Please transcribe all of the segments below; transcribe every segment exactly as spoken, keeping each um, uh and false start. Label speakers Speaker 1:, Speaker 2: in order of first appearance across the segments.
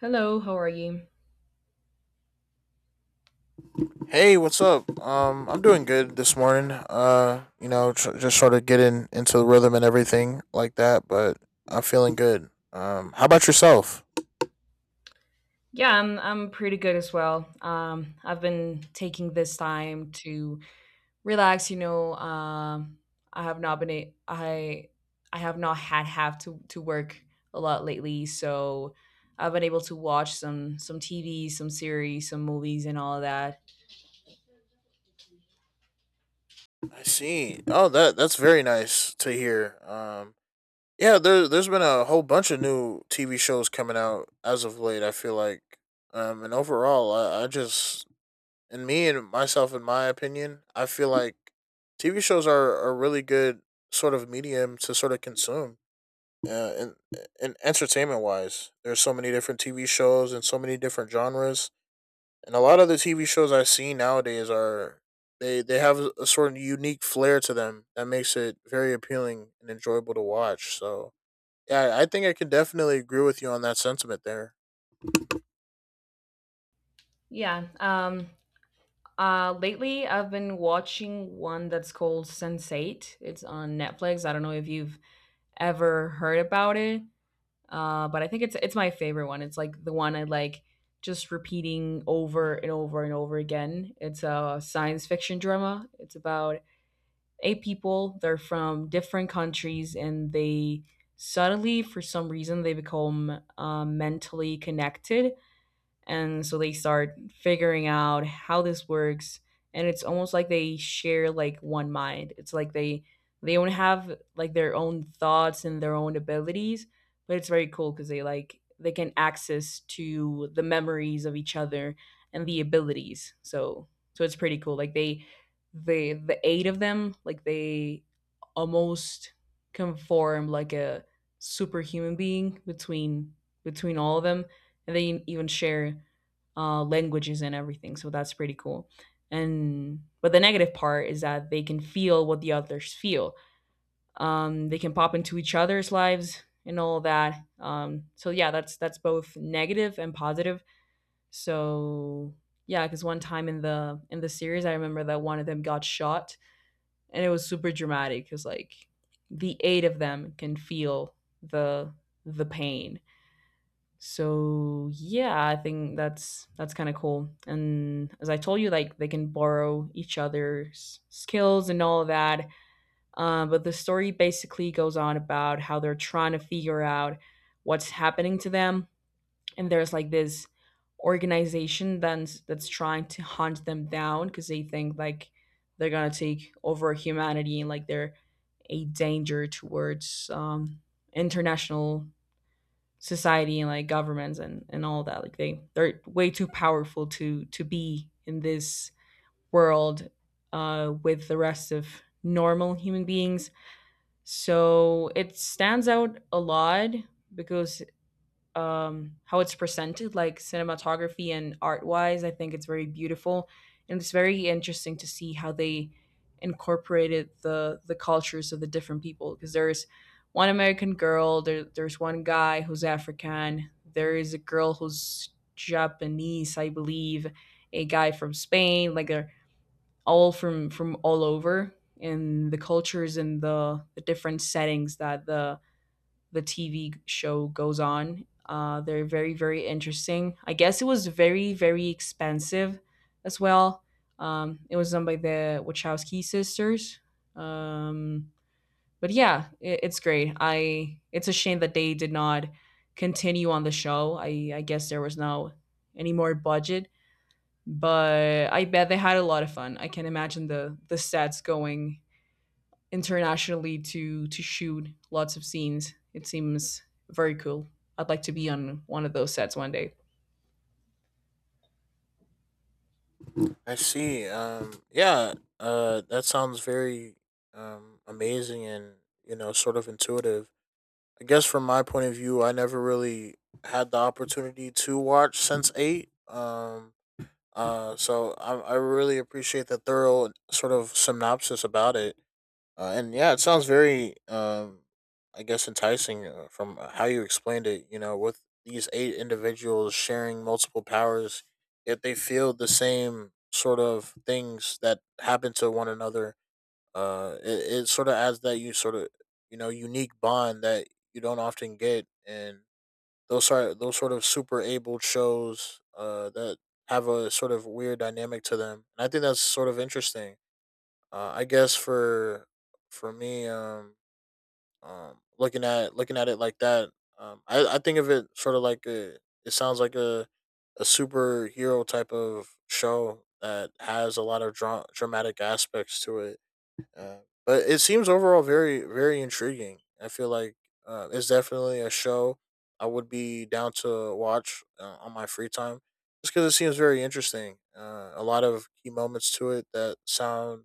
Speaker 1: Hello, how are you?
Speaker 2: Hey, what's up? Um, I'm doing good this morning. Uh, you know, tr- just sort of getting into the rhythm and everything like that, but I'm feeling good. Um, how about yourself?
Speaker 1: Yeah, I'm I'm pretty good as well. Um, I've been taking this time to relax, you know. Um, I have not been a, I I have not had have to to work a lot lately, so I've been able to watch some some T V, some series, some movies and all of that.
Speaker 2: I see. Oh, that that's very nice to hear. Um, yeah, there there's been a whole bunch of new T V shows coming out as of late. I feel like, um, and Overall, I, I just and me and myself, in my opinion, I feel like T V shows are a really good sort of medium to sort of consume. Yeah, and and entertainment wise, there's so many different T V shows and so many different genres. And a lot of the T V shows I see nowadays are, they they have a sort of unique flair to them that makes it very appealing and enjoyable to watch. So yeah, I think I can definitely agree with you on that sentiment there.
Speaker 1: Yeah. Um, uh, lately I've been watching one that's called sense eight. It's on Netflix. I don't know if you've ever heard about it. Uh, but I think it's it's my favorite one. It's like the one I like just repeating over and over and over again. It's a science fiction drama. It's about eight people. They're from different countries and they suddenly, for some reason, they become uh, mentally connected, and so they start figuring out how this works. And it's almost like they share like one mind. It's like they they don't have like their own thoughts and their own abilities, but it's very cool because they like they can access to the memories of each other and the abilities. So so it's pretty cool. Like they they the eight of them, like they almost conform like a superhuman being between between all of them, and they even share uh, languages and everything. So that's pretty cool. And but the negative part is that they can feel what the others feel. Um, they can pop into each other's lives and all that. Um, so yeah, that's that's both negative and positive. So yeah, because one time in the in the series, I remember that one of them got shot, and it was super dramatic because like the eight of them can feel the the pain. So yeah, I think that's that's kind of cool, and as I told you, like they can borrow each other's skills and all of that. Uh, but the story basically goes on about how they're trying to figure out what's happening to them. And there's like this organization that's that's trying to hunt them down because they think like they're gonna take over humanity, and like they're a danger towards um, international society and like governments and and all that. Like they they're way too powerful to to be in this world uh with the rest of normal human beings. So it stands out a lot because um how it's presented, like cinematography and art wise, I think it's very beautiful. And it's very interesting to see how they incorporated the the cultures of the different people, because there's one American girl there, there's one guy who's African, there is a girl who's Japanese, I believe, a guy from Spain. Like they're all from from all over in the cultures, and the the different settings that the the T V show goes on. Uh, they're very, very interesting. I guess it was very, very expensive as well. Um, it was done by the Wachowski sisters. Um, but yeah, it, it's great. I it's a shame that they did not continue on the show. I, I guess there was no any more budget, but I bet they had a lot of fun. I can imagine the the sets going internationally to to shoot lots of scenes. It seems very cool. I'd like to be on one of those sets one day.
Speaker 2: I see. Um, yeah, uh, that sounds very, um amazing and, you know, sort of intuitive. I guess from my point of view, I never really had the opportunity to watch since eight. Um, uh, so I, I really appreciate the thorough sort of synopsis about it. Uh, and yeah, it sounds very, um, I guess, enticing uh, from how you explained it. You know, with these eight individuals sharing multiple powers, yet they feel the same sort of things that happen to one another. Uh it, it sort of adds that you sort of, you know, unique bond that you don't often get, and those are those sort of super abled shows uh that have a sort of weird dynamic to them, and I think that's sort of interesting. Uh I guess for for me um um Looking at looking at it like that, um i i think of it sort of like a, it sounds like a a superhero type of show that has a lot of dra- dramatic aspects to it. uh, but it seems overall very, very intriguing. I feel like uh, it's definitely a show I would be down to watch uh, on my free time just because it seems very interesting. Uh, a lot of key moments to it that sound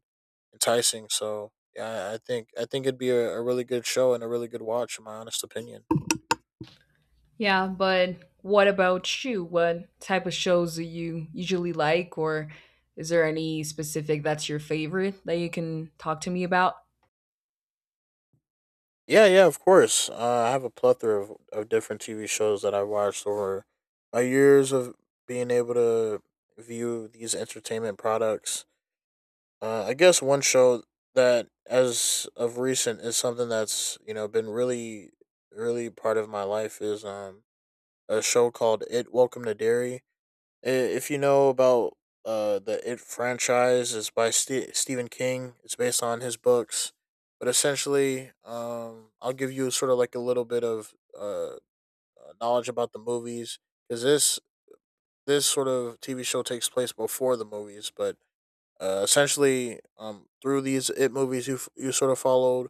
Speaker 2: enticing. So yeah, I I think I think it'd be a, a really good show and a really good watch, in my honest opinion.
Speaker 1: Yeah, but what about you? What type of shows do you usually like, or is there any specific that's your favorite that you can talk to me about?
Speaker 2: Yeah, yeah, of course. Uh, I have a plethora of, of different T V shows that I watched over my years of being able to view these entertainment products. Uh, I guess one show that, as of recent, is something that's, you know, been really, really part of my life is um a show called It Welcome to Dairy. I- If you know about uh the It franchise, it's by Ste Stephen King. It's based on his books, but essentially, um, I'll give you sort of like a little bit of uh uh, knowledge about the movies because this this sort of T V show takes place before the movies, but uh, essentially, um, through these it movies, you f- you sort of followed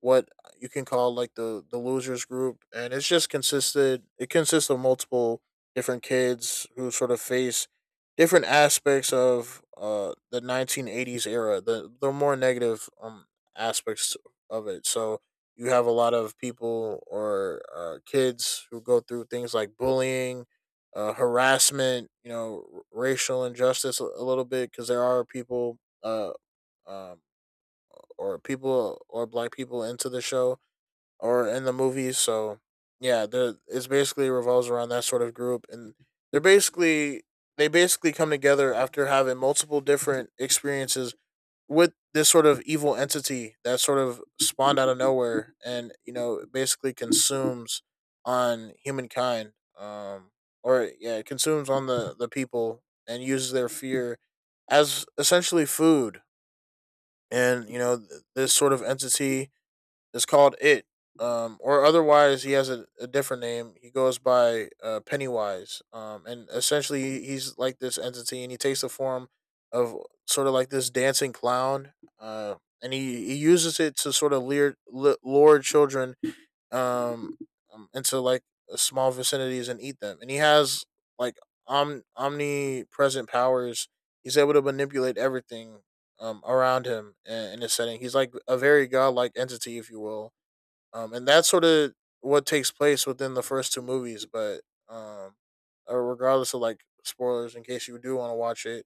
Speaker 2: what you can call like the the losers group, and it's just consisted it consists of multiple different kids who sort of face different aspects of uh the nineteen eighties era, the the more negative um aspects of it. So you have a lot of people or uh, kids who go through things like bullying, uh, harassment, you know, r- racial injustice a, a little bit because there are people uh um, or people or black people into the show or in the movie. So yeah, the it's basically revolves around that sort of group, and they're basically they basically come together after having multiple different experiences with this sort of evil entity that sort of spawned out of nowhere and, you know, basically consumes on humankind. Um or Yeah, it consumes on the the people and uses their fear as essentially food. And you know th- this sort of entity is called It, um, or otherwise he has a, a different name. He goes by uh, Pennywise, um, and essentially he's like this entity, and he takes the form of sort of like this dancing clown, uh, and he, he uses it to sort of leer, lure children um, um, into like small vicinities and eat them. And he has like om- omnipresent powers. He's able to manipulate everything um, around him in, in a setting. He's like a very godlike entity, if you will, um, and that's sort of what takes place within the first two movies. But um, uh, regardless of like spoilers, in case you do want to watch it,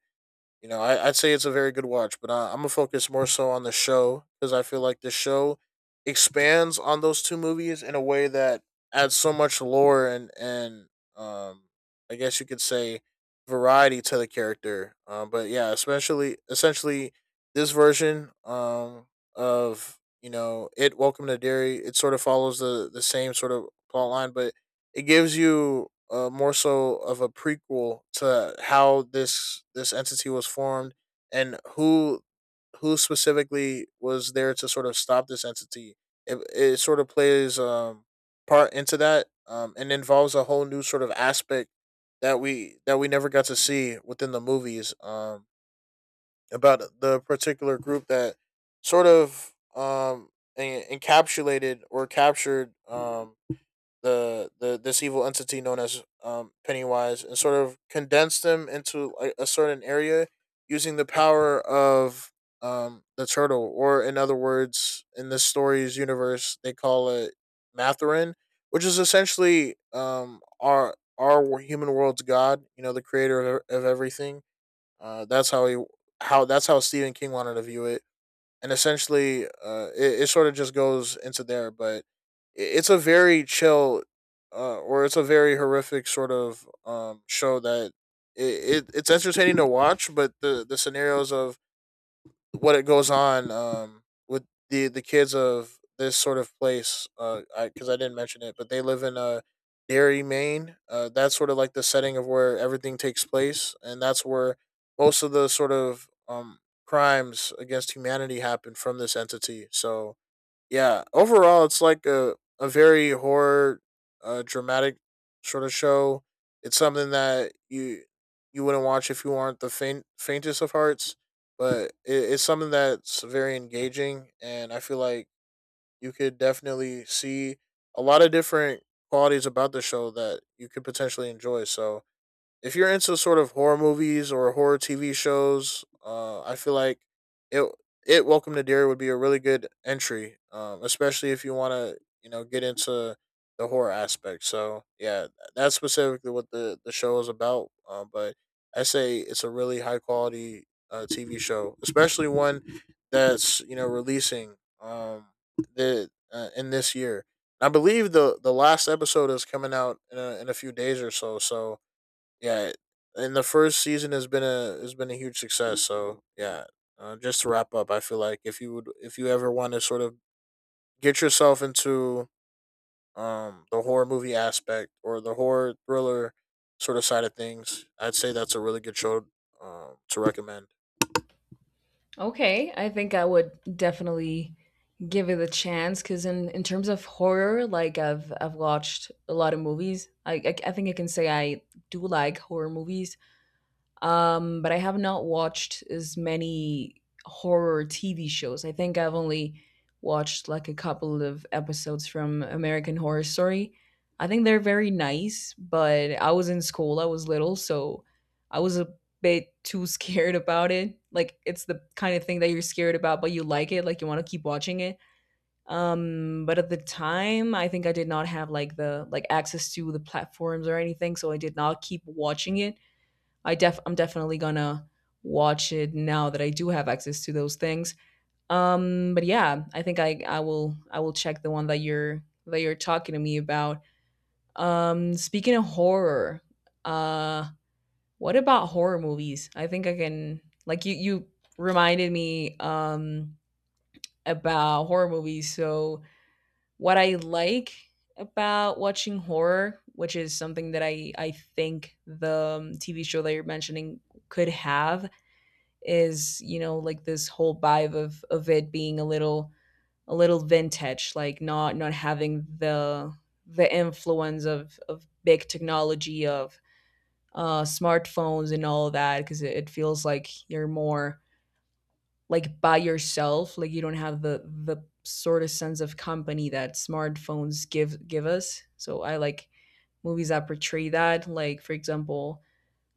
Speaker 2: you know, I, I'd say it's a very good watch, but I, I'm gonna focus more so on the show because I feel like the show expands on those two movies in a way that adds so much lore and and um, I guess you could say variety to the character. Um, but yeah, especially essentially this version um of, you know, it Welcome to Dairy. It sort of follows the the same sort of plot line, but it gives you uh, more so of a prequel to how this this entity was formed and who who specifically was there to sort of stop this entity. It, it sort of plays um part into that um and involves a whole new sort of aspect that we that we never got to see within the movies um about the particular group that sort of um en- encapsulated or captured um the the this evil entity known as um, Pennywise, and sort of condense them into a, a certain area using the power of um, the turtle, or in other words, in this story's universe, they call it Matherin, which is essentially um, our our human world's god. You know, the creator of, of everything. Uh, that's how he how that's how Stephen King wanted to view it. And essentially, uh, it, it sort of just goes into there. But i- it's a very chill, uh, or it's a very horrific sort of um show that it, it it's entertaining to watch, but the the scenarios of what it goes on um, with the the kids of this sort of place. Because uh, I, 'cause I didn't mention it, but they live in uh, Derry, Maine. Uh, that's sort of like the setting of where everything takes place, and that's where most of the sort of um, crimes against humanity happen from this entity. So yeah, overall it's like a, a very horror, uh, dramatic sort of show. It's something that you you wouldn't watch if you weren't the faint, faintest of hearts, but it, it's something that's very engaging, and I feel like you could definitely see a lot of different qualities about the show that you could potentially enjoy. So if you're into sort of horror movies or horror T V shows, uh, I feel like it it Welcome to Dairy would be a really good entry, um, especially if you want to, you know, get into the horror aspect. So yeah, that's specifically what the the show is about. Uh, but I say it's a really high quality uh, T V show, especially one that's, you know, releasing um, the uh, in this year. I believe the the last episode is coming out in a, in a few days or so. So yeah, and the first season has been a has been a huge success. So yeah, uh, just to wrap up, I feel like if you would if you ever want to sort of get yourself into um the horror movie aspect or the horror thriller sort of side of things, I'd say that's a really good show um, to recommend.
Speaker 1: Okay, I think I would definitely give it a chance because in, in terms of horror, like I've I've watched a lot of movies. I, I I think I can say I do like horror movies. Um, but I have not watched as many horror T V shows. I think I've only watched like a couple of episodes from American Horror Story. I think they're very nice, but I was in school, I was little, so I was a bit too scared about it. Like it's the kind of thing that you're scared about, but you like it, like you want to keep watching it. Um, but at the time, I think I did not have like the like access to the platforms or anything, so I did not keep watching it. I def I'm definitely gonna watch it now that I do have access to those things. Um, but yeah, I think I I will I will check the one that you're that you're talking to me about. Um, speaking of horror, uh, what about horror movies? I think I can like you you reminded me um about horror movies. So what I like about watching horror, which is something that I I think the um, T V show that you're mentioning could have is, you know, like this whole vibe of of it being a little a little vintage, like not not having the the influence of of big technology of uh smartphones and all that, because it, it feels like you're more like by yourself, like you don't have the the sort of sense of company that smartphones give give us. So I like movies that portray that, like for example,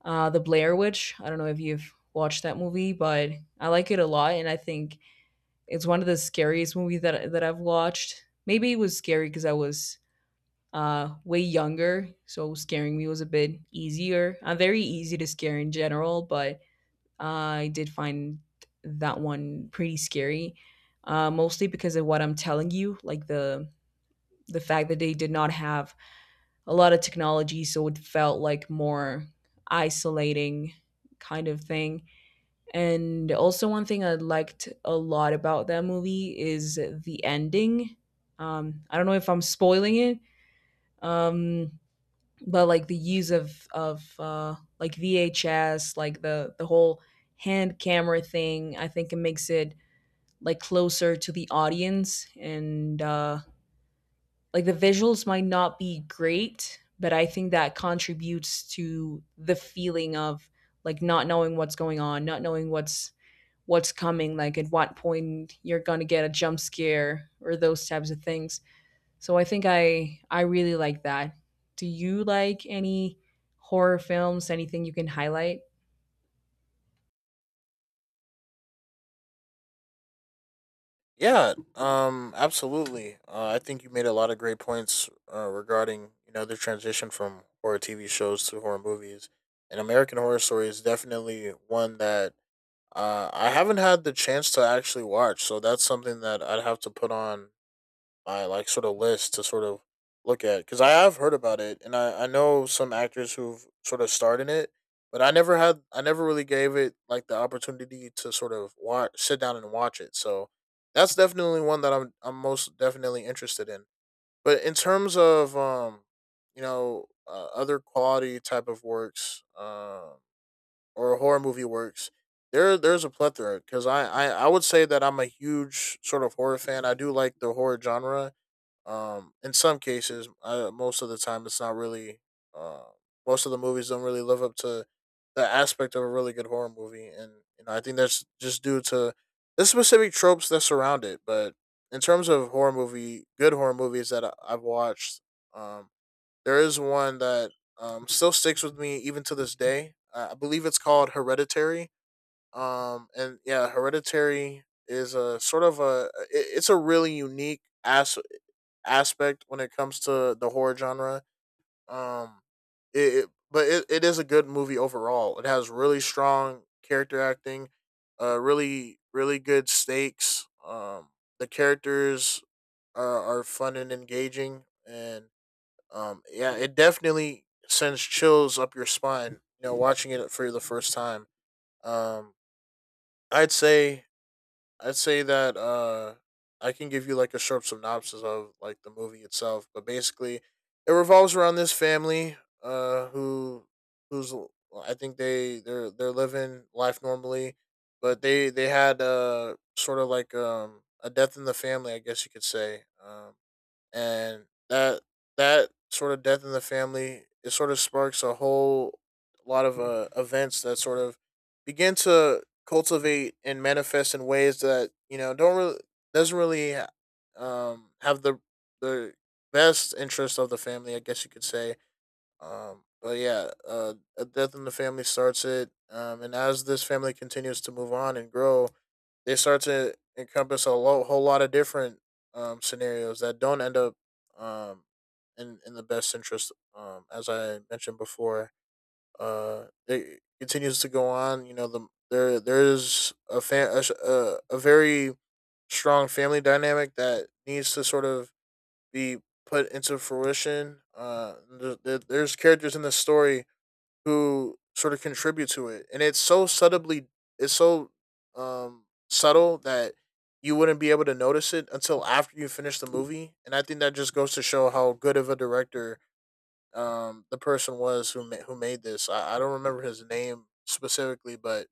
Speaker 1: uh, The Blair Witch. I don't know if you've watched that movie, but I like it a lot, and I think it's one of the scariest movies that that I've watched. Maybe it was scary because I was uh, way younger, so scaring me was a bit easier. I'm very easy to scare in general, but uh, I did find that one pretty scary, uh, mostly because of what I'm telling you, like the the fact that they did not have a lot of technology, so it felt like more isolating kind of thing. And also, one thing I liked a lot about that movie is the ending. Um, I don't know if I'm spoiling it, um, but like the use of of uh, like V H S, like the the whole hand camera thing. I think it makes it like closer to the audience, and uh, like the visuals might not be great, but I think that contributes to the feeling of like not knowing what's going on, not knowing what's what's coming, like at what point you're gonna get a jump scare or those types of things. So I think I I really like that. Do you like any horror films? Anything you can highlight?
Speaker 2: Yeah, um, absolutely. Uh, I think you made a lot of great points uh, regarding, you know, the transition from horror T V shows to horror movies. And American Horror Story is definitely one that Uh, I haven't had the chance to actually watch, so that's something that I'd have to put on my like sort of list to sort of look at because I have heard about it, and I I know some actors who've sort of starred in it, but I never had I never really gave it like the opportunity to sort of watch sit down and watch it. So that's definitely one that I'm I'm most definitely interested in. But in terms of um, you know, uh, other quality type of works, um or horror movie works, there there's a plethora. Because I, I I would say that I'm a huge sort of horror fan. I do like the horror genre. Um, in some cases, uh, most of the time, it's not really. Uh, most of the movies don't really live up to the aspect of a really good horror movie, and you know I think that's just due to the specific tropes that surround it. But in terms of horror movie, good horror movies that I, I've watched, um, there is one that um, still sticks with me even to this day. Uh, I believe it's called Hereditary. Um, and yeah, Hereditary is a sort of a it- it's a really unique as- aspect when it comes to the horror genre. Um, it, it but it, it is a good movie overall. It has really strong character acting, uh, really really good stakes. Um, the characters are, are fun and engaging, and um, yeah, it definitely sends chills up your spine, you know, watching it for the first time. Um, I'd say I'd say that uh, I can give you like a short synopsis of like the movie itself, but basically, it revolves around this family uh, who who's I think they they're they're living life normally, but they they had uh sort of like um a death in the family, I guess you could say. Um, and that that sort of death in the family, it sort of sparks a whole lot of uh, events that sort of begin to cultivate and manifest in ways that, you know, don't really doesn't really um have the the best interest of the family, I guess you could say. Um, but yeah, uh, a death in the family starts it. Um, and as this family continues to move on and grow, they start to encompass a lo- whole lot of different um, scenarios that don't end up um, in in the best interest. Um, as I mentioned before, uh, it continues to go on. You know, the there there is a fa- a, s- a a very strong family dynamic that needs to sort of be put into fruition. Uh, th- th- there's characters in the story who sort of contribute to it, and it's so subtly, it's so um subtle that you wouldn't be able to notice it until after you finish the movie. And I think that just goes to show how good of a director um the person was who ma- who made this. I, I don't remember his name specifically, but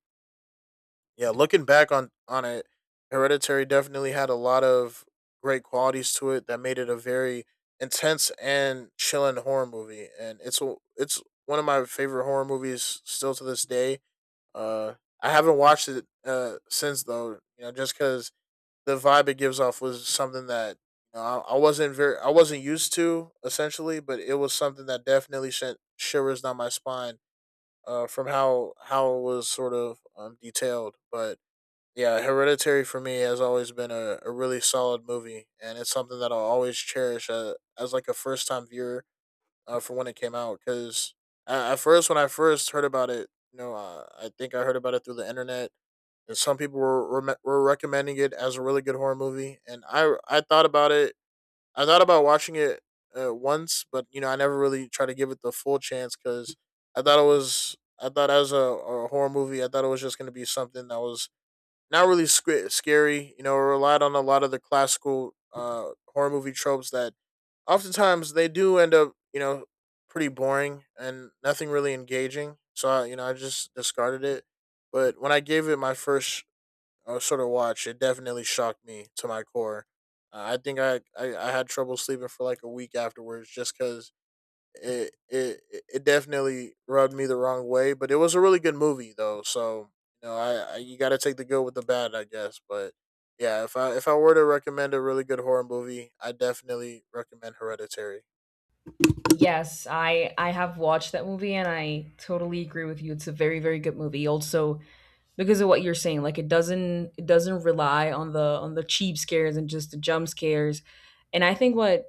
Speaker 2: yeah, looking back on on it, Hereditary definitely had a lot of great qualities to it that made it a very intense and chilling horror movie, and it's a- it's one of my favorite horror movies still to this day. Uh, I haven't watched it uh since though, you know, just because the vibe it gives off was something that, you know, I, I wasn't very I wasn't used to essentially, but it was something that definitely sent shivers down my spine uh, from how how it was sort of um, detailed. But yeah, Hereditary for me has always been a, a really solid movie, and it's something that I'll always cherish uh, as like a first time viewer uh, for when it came out. Because at first, when I first heard about it, you know, uh, I think I heard about it through the internet, and some people were rem- were recommending it as a really good horror movie, and I I thought about it. I thought about watching it uh, once, but you know, I never really tried to give it the full chance because I thought it was. I thought, as a, a horror movie, I thought it was just going to be something that was not really sc- scary. You know, relied on a lot of the classical uh, horror movie tropes that oftentimes they do end up, you know, pretty boring and nothing really engaging. So I, you know, I just discarded it. But when I gave it my first uh, sort of watch, it definitely shocked me to my core. Uh, I think I, I I had trouble sleeping for like a week afterwards just because it it it definitely rubbed me the wrong way. But it was a really good movie though, so you know, I, I you got to take the good with the bad, I guess. But yeah, if I if I were to recommend a really good horror movie, I definitely recommend Hereditary.
Speaker 1: Yes, I I have watched that movie, and I totally agree with you. It's a very very good movie. Also, because of what you're saying, like it doesn't it doesn't rely on the on the cheap scares and just the jump scares. And I think what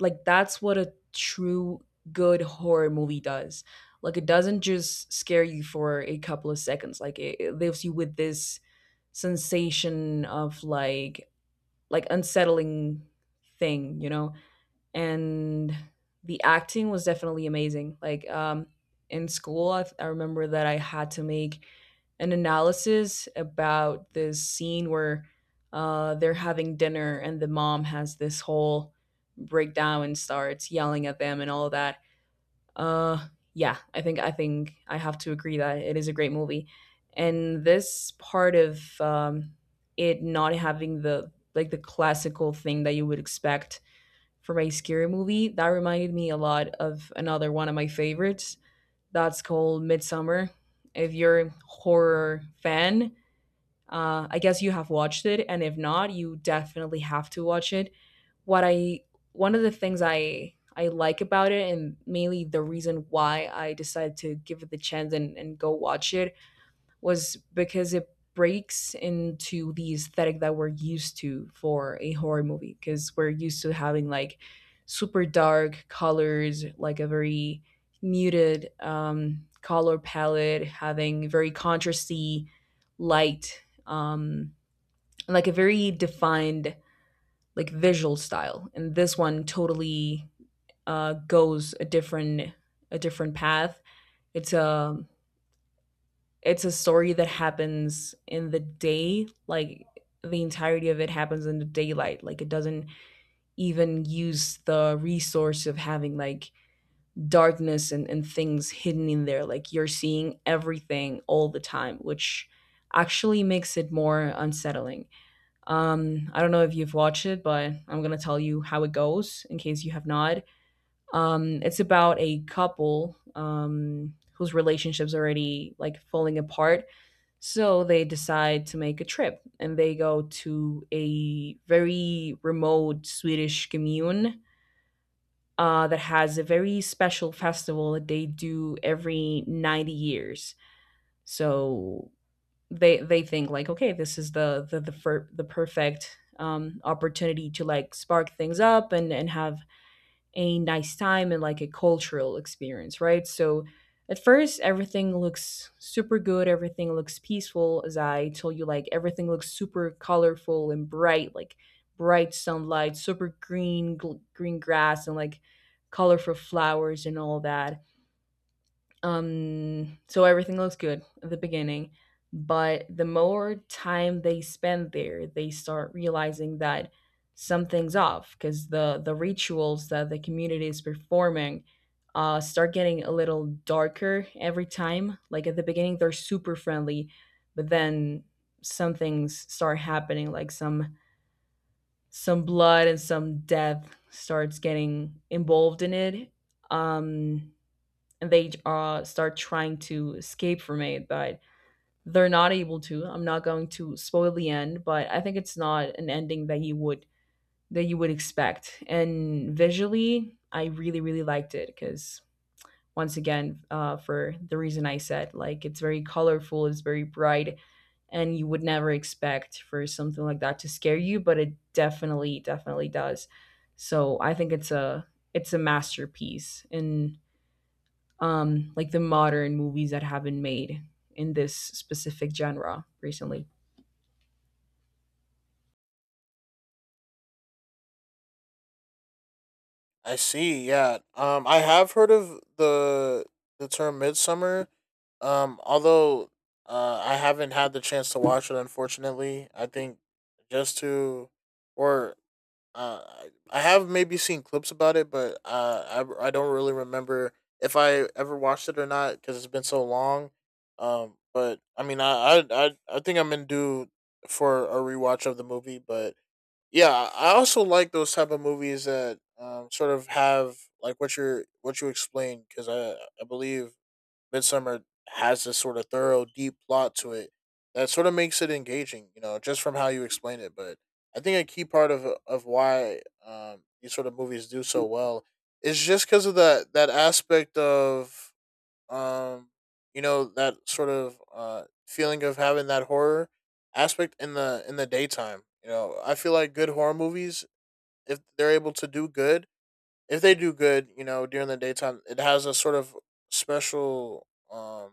Speaker 1: like that's what a true good horror movie does. Like it doesn't just scare you for a couple of seconds, like it, it leaves you with this sensation of like like unsettling thing, you know. And the acting was definitely amazing, like um in school, I, I remember that I had to make an analysis about this scene where uh, they're having dinner and the mom has this whole breakdown and starts yelling at them and all that. Uh, yeah, I think I think I have to agree that it is a great movie, and this part of um, it not having the like the classical thing that you would expect from a scary movie, that reminded me a lot of another one of my favorites. That's called Midsummer. If you're a horror fan, uh, I guess you have watched it, and if not, you definitely have to watch it. What I One of the things I I like about it, and mainly the reason why I decided to give it the chance and, and go watch it, was because it breaks into the aesthetic that we're used to for a horror movie, because we're used to having like super dark colors, like a very muted um, color palette, having very contrasty light, um, like a very defined like visual style. And this one totally uh, goes a different a different path. It's a It's a story that happens in the day, like the entirety of it happens in the daylight. Like it doesn't even use the resource of having like darkness and, and things hidden in there, like you're seeing everything all the time, which actually makes it more unsettling. um I don't know if you've watched it, but I'm gonna tell you how it goes in case you have not. Um it's about a couple um whose relationships already like falling apart, so they decide to make a trip and they go to a very remote Swedish commune uh, that has a very special festival that they do every ninety years. So they they think like okay this is the the the, fir- the perfect um, opportunity to like spark things up and and have a nice time and like a cultural experience, right? So at first, everything looks super good, everything looks peaceful. As I told you, like, everything looks super colorful and bright, like bright sunlight, super green gl- green grass and like colorful flowers and all that. Um, so everything looks good at the beginning, but the more time they spend there, they start realizing that something's off because the the rituals that the community is performing uh, start getting a little darker every time. Like at the beginning, they're super friendly, but then some things start happening, like some some blood and some death starts getting involved in it. Um, and they uh, start trying to escape from it, but they're not able to. I'm not going to spoil the end, but I think it's not an ending that you would that you would expect. And visually, I really really liked it because once again, uh, for the reason I said, like, it's very colorful, it's very bright, and you would never expect for something like that to scare you, but it definitely definitely does. So I think it's a it's a masterpiece in, um, like, the modern movies that have been made in this specific genre recently.
Speaker 2: I see. Yeah. Um, I have heard of the the term Midsummer. Um, although uh, I haven't had the chance to watch it, unfortunately. I think just to or Uh, I have maybe seen clips about it, but uh, I I don't really remember if I ever watched it or not because it's been so long. Um, but I mean, I I I, I think I'm in due for a rewatch of the movie. But yeah, I also like those type of movies that um sort of have like what you're what you explained, because I I believe Midsummer has this sort of thorough, deep plot to it that sort of makes it engaging, you know, just from how you explain it. But I think a key part of of why um, these sort of movies do so well is just because of that that aspect of um, you know, that sort of uh, feeling of having that horror aspect in the in the daytime. You know, I feel like good horror movies, if they're able to do good, if they do good, you know, during the daytime, it has a sort of special um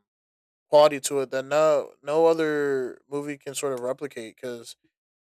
Speaker 2: quality to it that no no other movie can sort of replicate, because,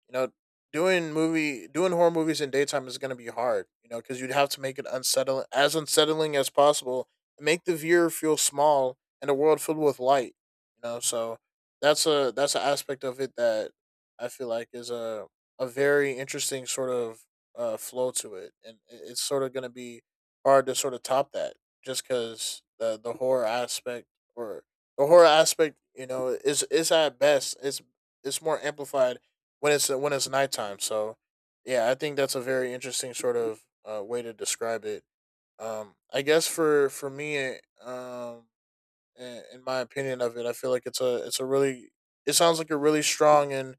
Speaker 2: you know, doing movie doing horror movies in daytime is going to be hard. You know, because you'd have to make it unsettling, as unsettling as possible, and make the viewer feel small in a world filled with light. You know, so that's a that's an aspect of it that I feel like is a a very interesting sort of uh, flow to it, and it- it's sort of going to be hard to sort of top that, just because the the horror aspect, or the horror aspect, you know, is is at best, it's it's more amplified when it's when it's nighttime. So yeah, I think that's a very interesting sort of uh, way to describe it. Um, I guess for for me, it, um, in in my opinion of it, I feel like it's a it's a really, it sounds like a really strong and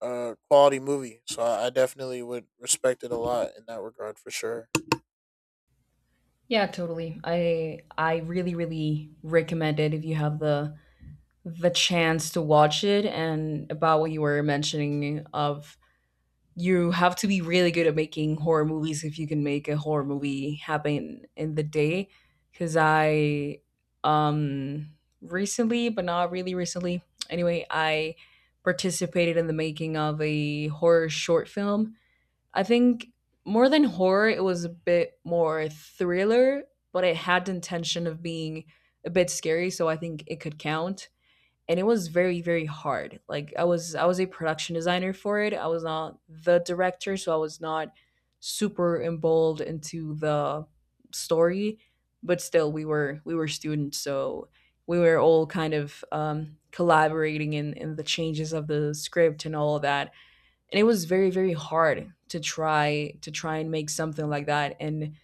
Speaker 2: uh, quality movie. So I, I definitely would respect it a lot in that regard for sure.
Speaker 1: Yeah, totally. I I really really recommend it if you have the the chance to watch it. And about what you were mentioning of, you have to be really good at making horror movies if you can make a horror movie happen in the day, because I, um recently, but not really recently, anyway, I participated in the making of a horror short film. I think more than horror, it was a bit more thriller, but it had the intention of being a bit scary, so I think it could count. And it was very very hard. Like, i was i was a production designer for it. I was not the director, so I was not super involved into the story, but still, we were we were students, so we were all kind of um, collaborating in in the changes of the script and all of that. And it was very very hard to try to try and make something like that. And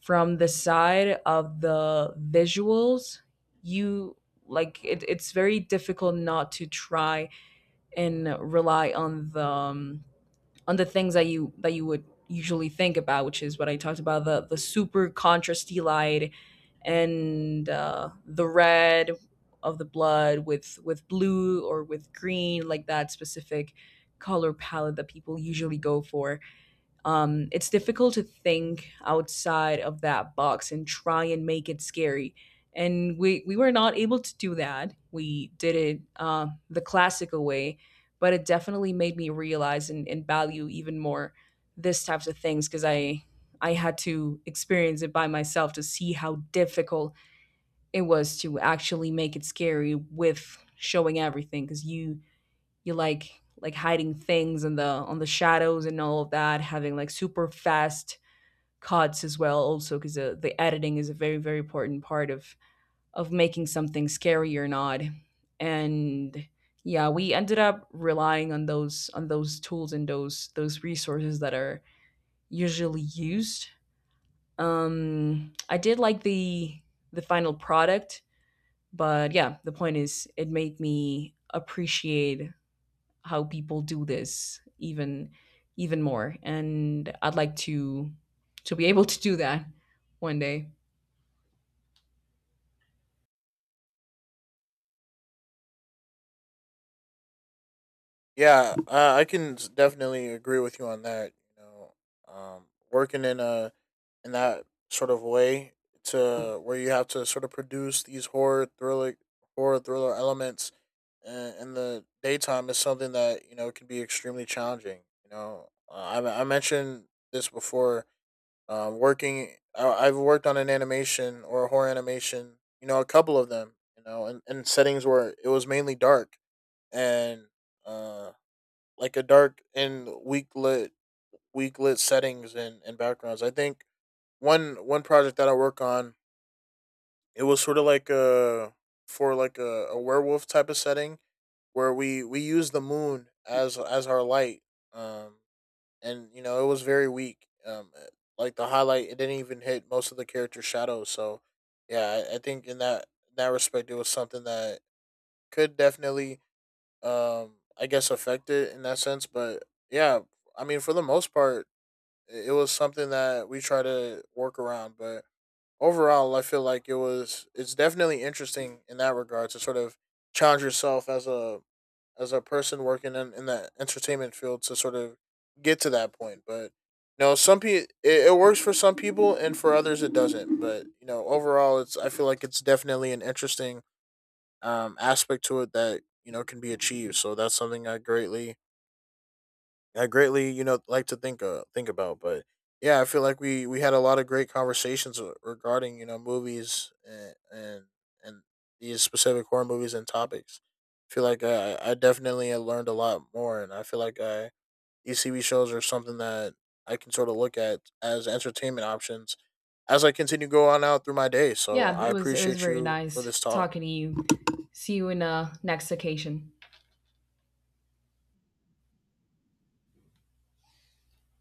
Speaker 1: from the side of the visuals, you, like, it, it's very difficult not to try and rely on the um, on the things that you that you would usually think about, which is what I talked about, the the super contrasty light and uh, the red of the blood with with blue or with green, like that specific color palette that people usually go for. Um, it's difficult to think outside of that box and try and make it scary. And we, we were not able to do that. We did it uh, the classical way, but it definitely made me realize and, and value even more this types of things, because I I had to experience it by myself to see how difficult it was to actually make it scary with showing everything. Because you you like, like hiding things in the on the shadows and all of that, having like super fast cuts as well, also because the, the editing is a very very important part of of making something scary or not. And yeah, we ended up relying on those on those tools and those those resources that are usually used. Um, I did like the the final product, but yeah, the point is it made me appreciate how people do this even even more, and I'd like to to be able to do that one day.
Speaker 2: Yeah, uh, I can s- definitely agree with you on that. You know, um, working in a in that sort of way, to where you have to sort of produce these horror thriller horror thriller elements uh, in the daytime is something that, you know, can be extremely challenging. You know, uh, I I mentioned this before. Um, working, I, I've worked on an animation, or a horror animation. You know, a couple of them. You know, in, in settings where it was mainly dark and. Uh, like a dark and weak lit weak lit settings and, and backgrounds. I think one one project that I work on, it was sort of like a, for like a, a werewolf type of setting where we we used the moon as as our light. Um and you know, it was very weak. Um eh, like the highlight, it didn't even hit most of the character shadows. So yeah, I, I think in that, in that respect, it was something that could definitely um I guess affect it in that sense. But yeah, I mean, for the most part, it was something that we try to work around. But overall, I feel like it was it's definitely interesting in that regard, to sort of challenge yourself as a, as a person working in, in the entertainment field, to sort of get to that point. But you know, some people, it, it works for some people and for others it doesn't. But you know, overall, it's, I feel like it's definitely an interesting um aspect to it that, you know, can be achieved. So that's something I greatly, I greatly, you know, like to think uh, think about. But yeah, I feel like we we had a lot of great conversations re- regarding, you know, movies and and, and these specific horror movies and topics. I feel like I I definitely learned a lot more, and I feel like I, these T V shows are something that I can sort of look at as entertainment options as I continue to go on out through my day. So
Speaker 1: Yeah,
Speaker 2: I
Speaker 1: it was it was
Speaker 2: appreciate
Speaker 1: very
Speaker 2: you for
Speaker 1: nice
Speaker 2: this talk.
Speaker 1: talking to you. See you in a next occasion.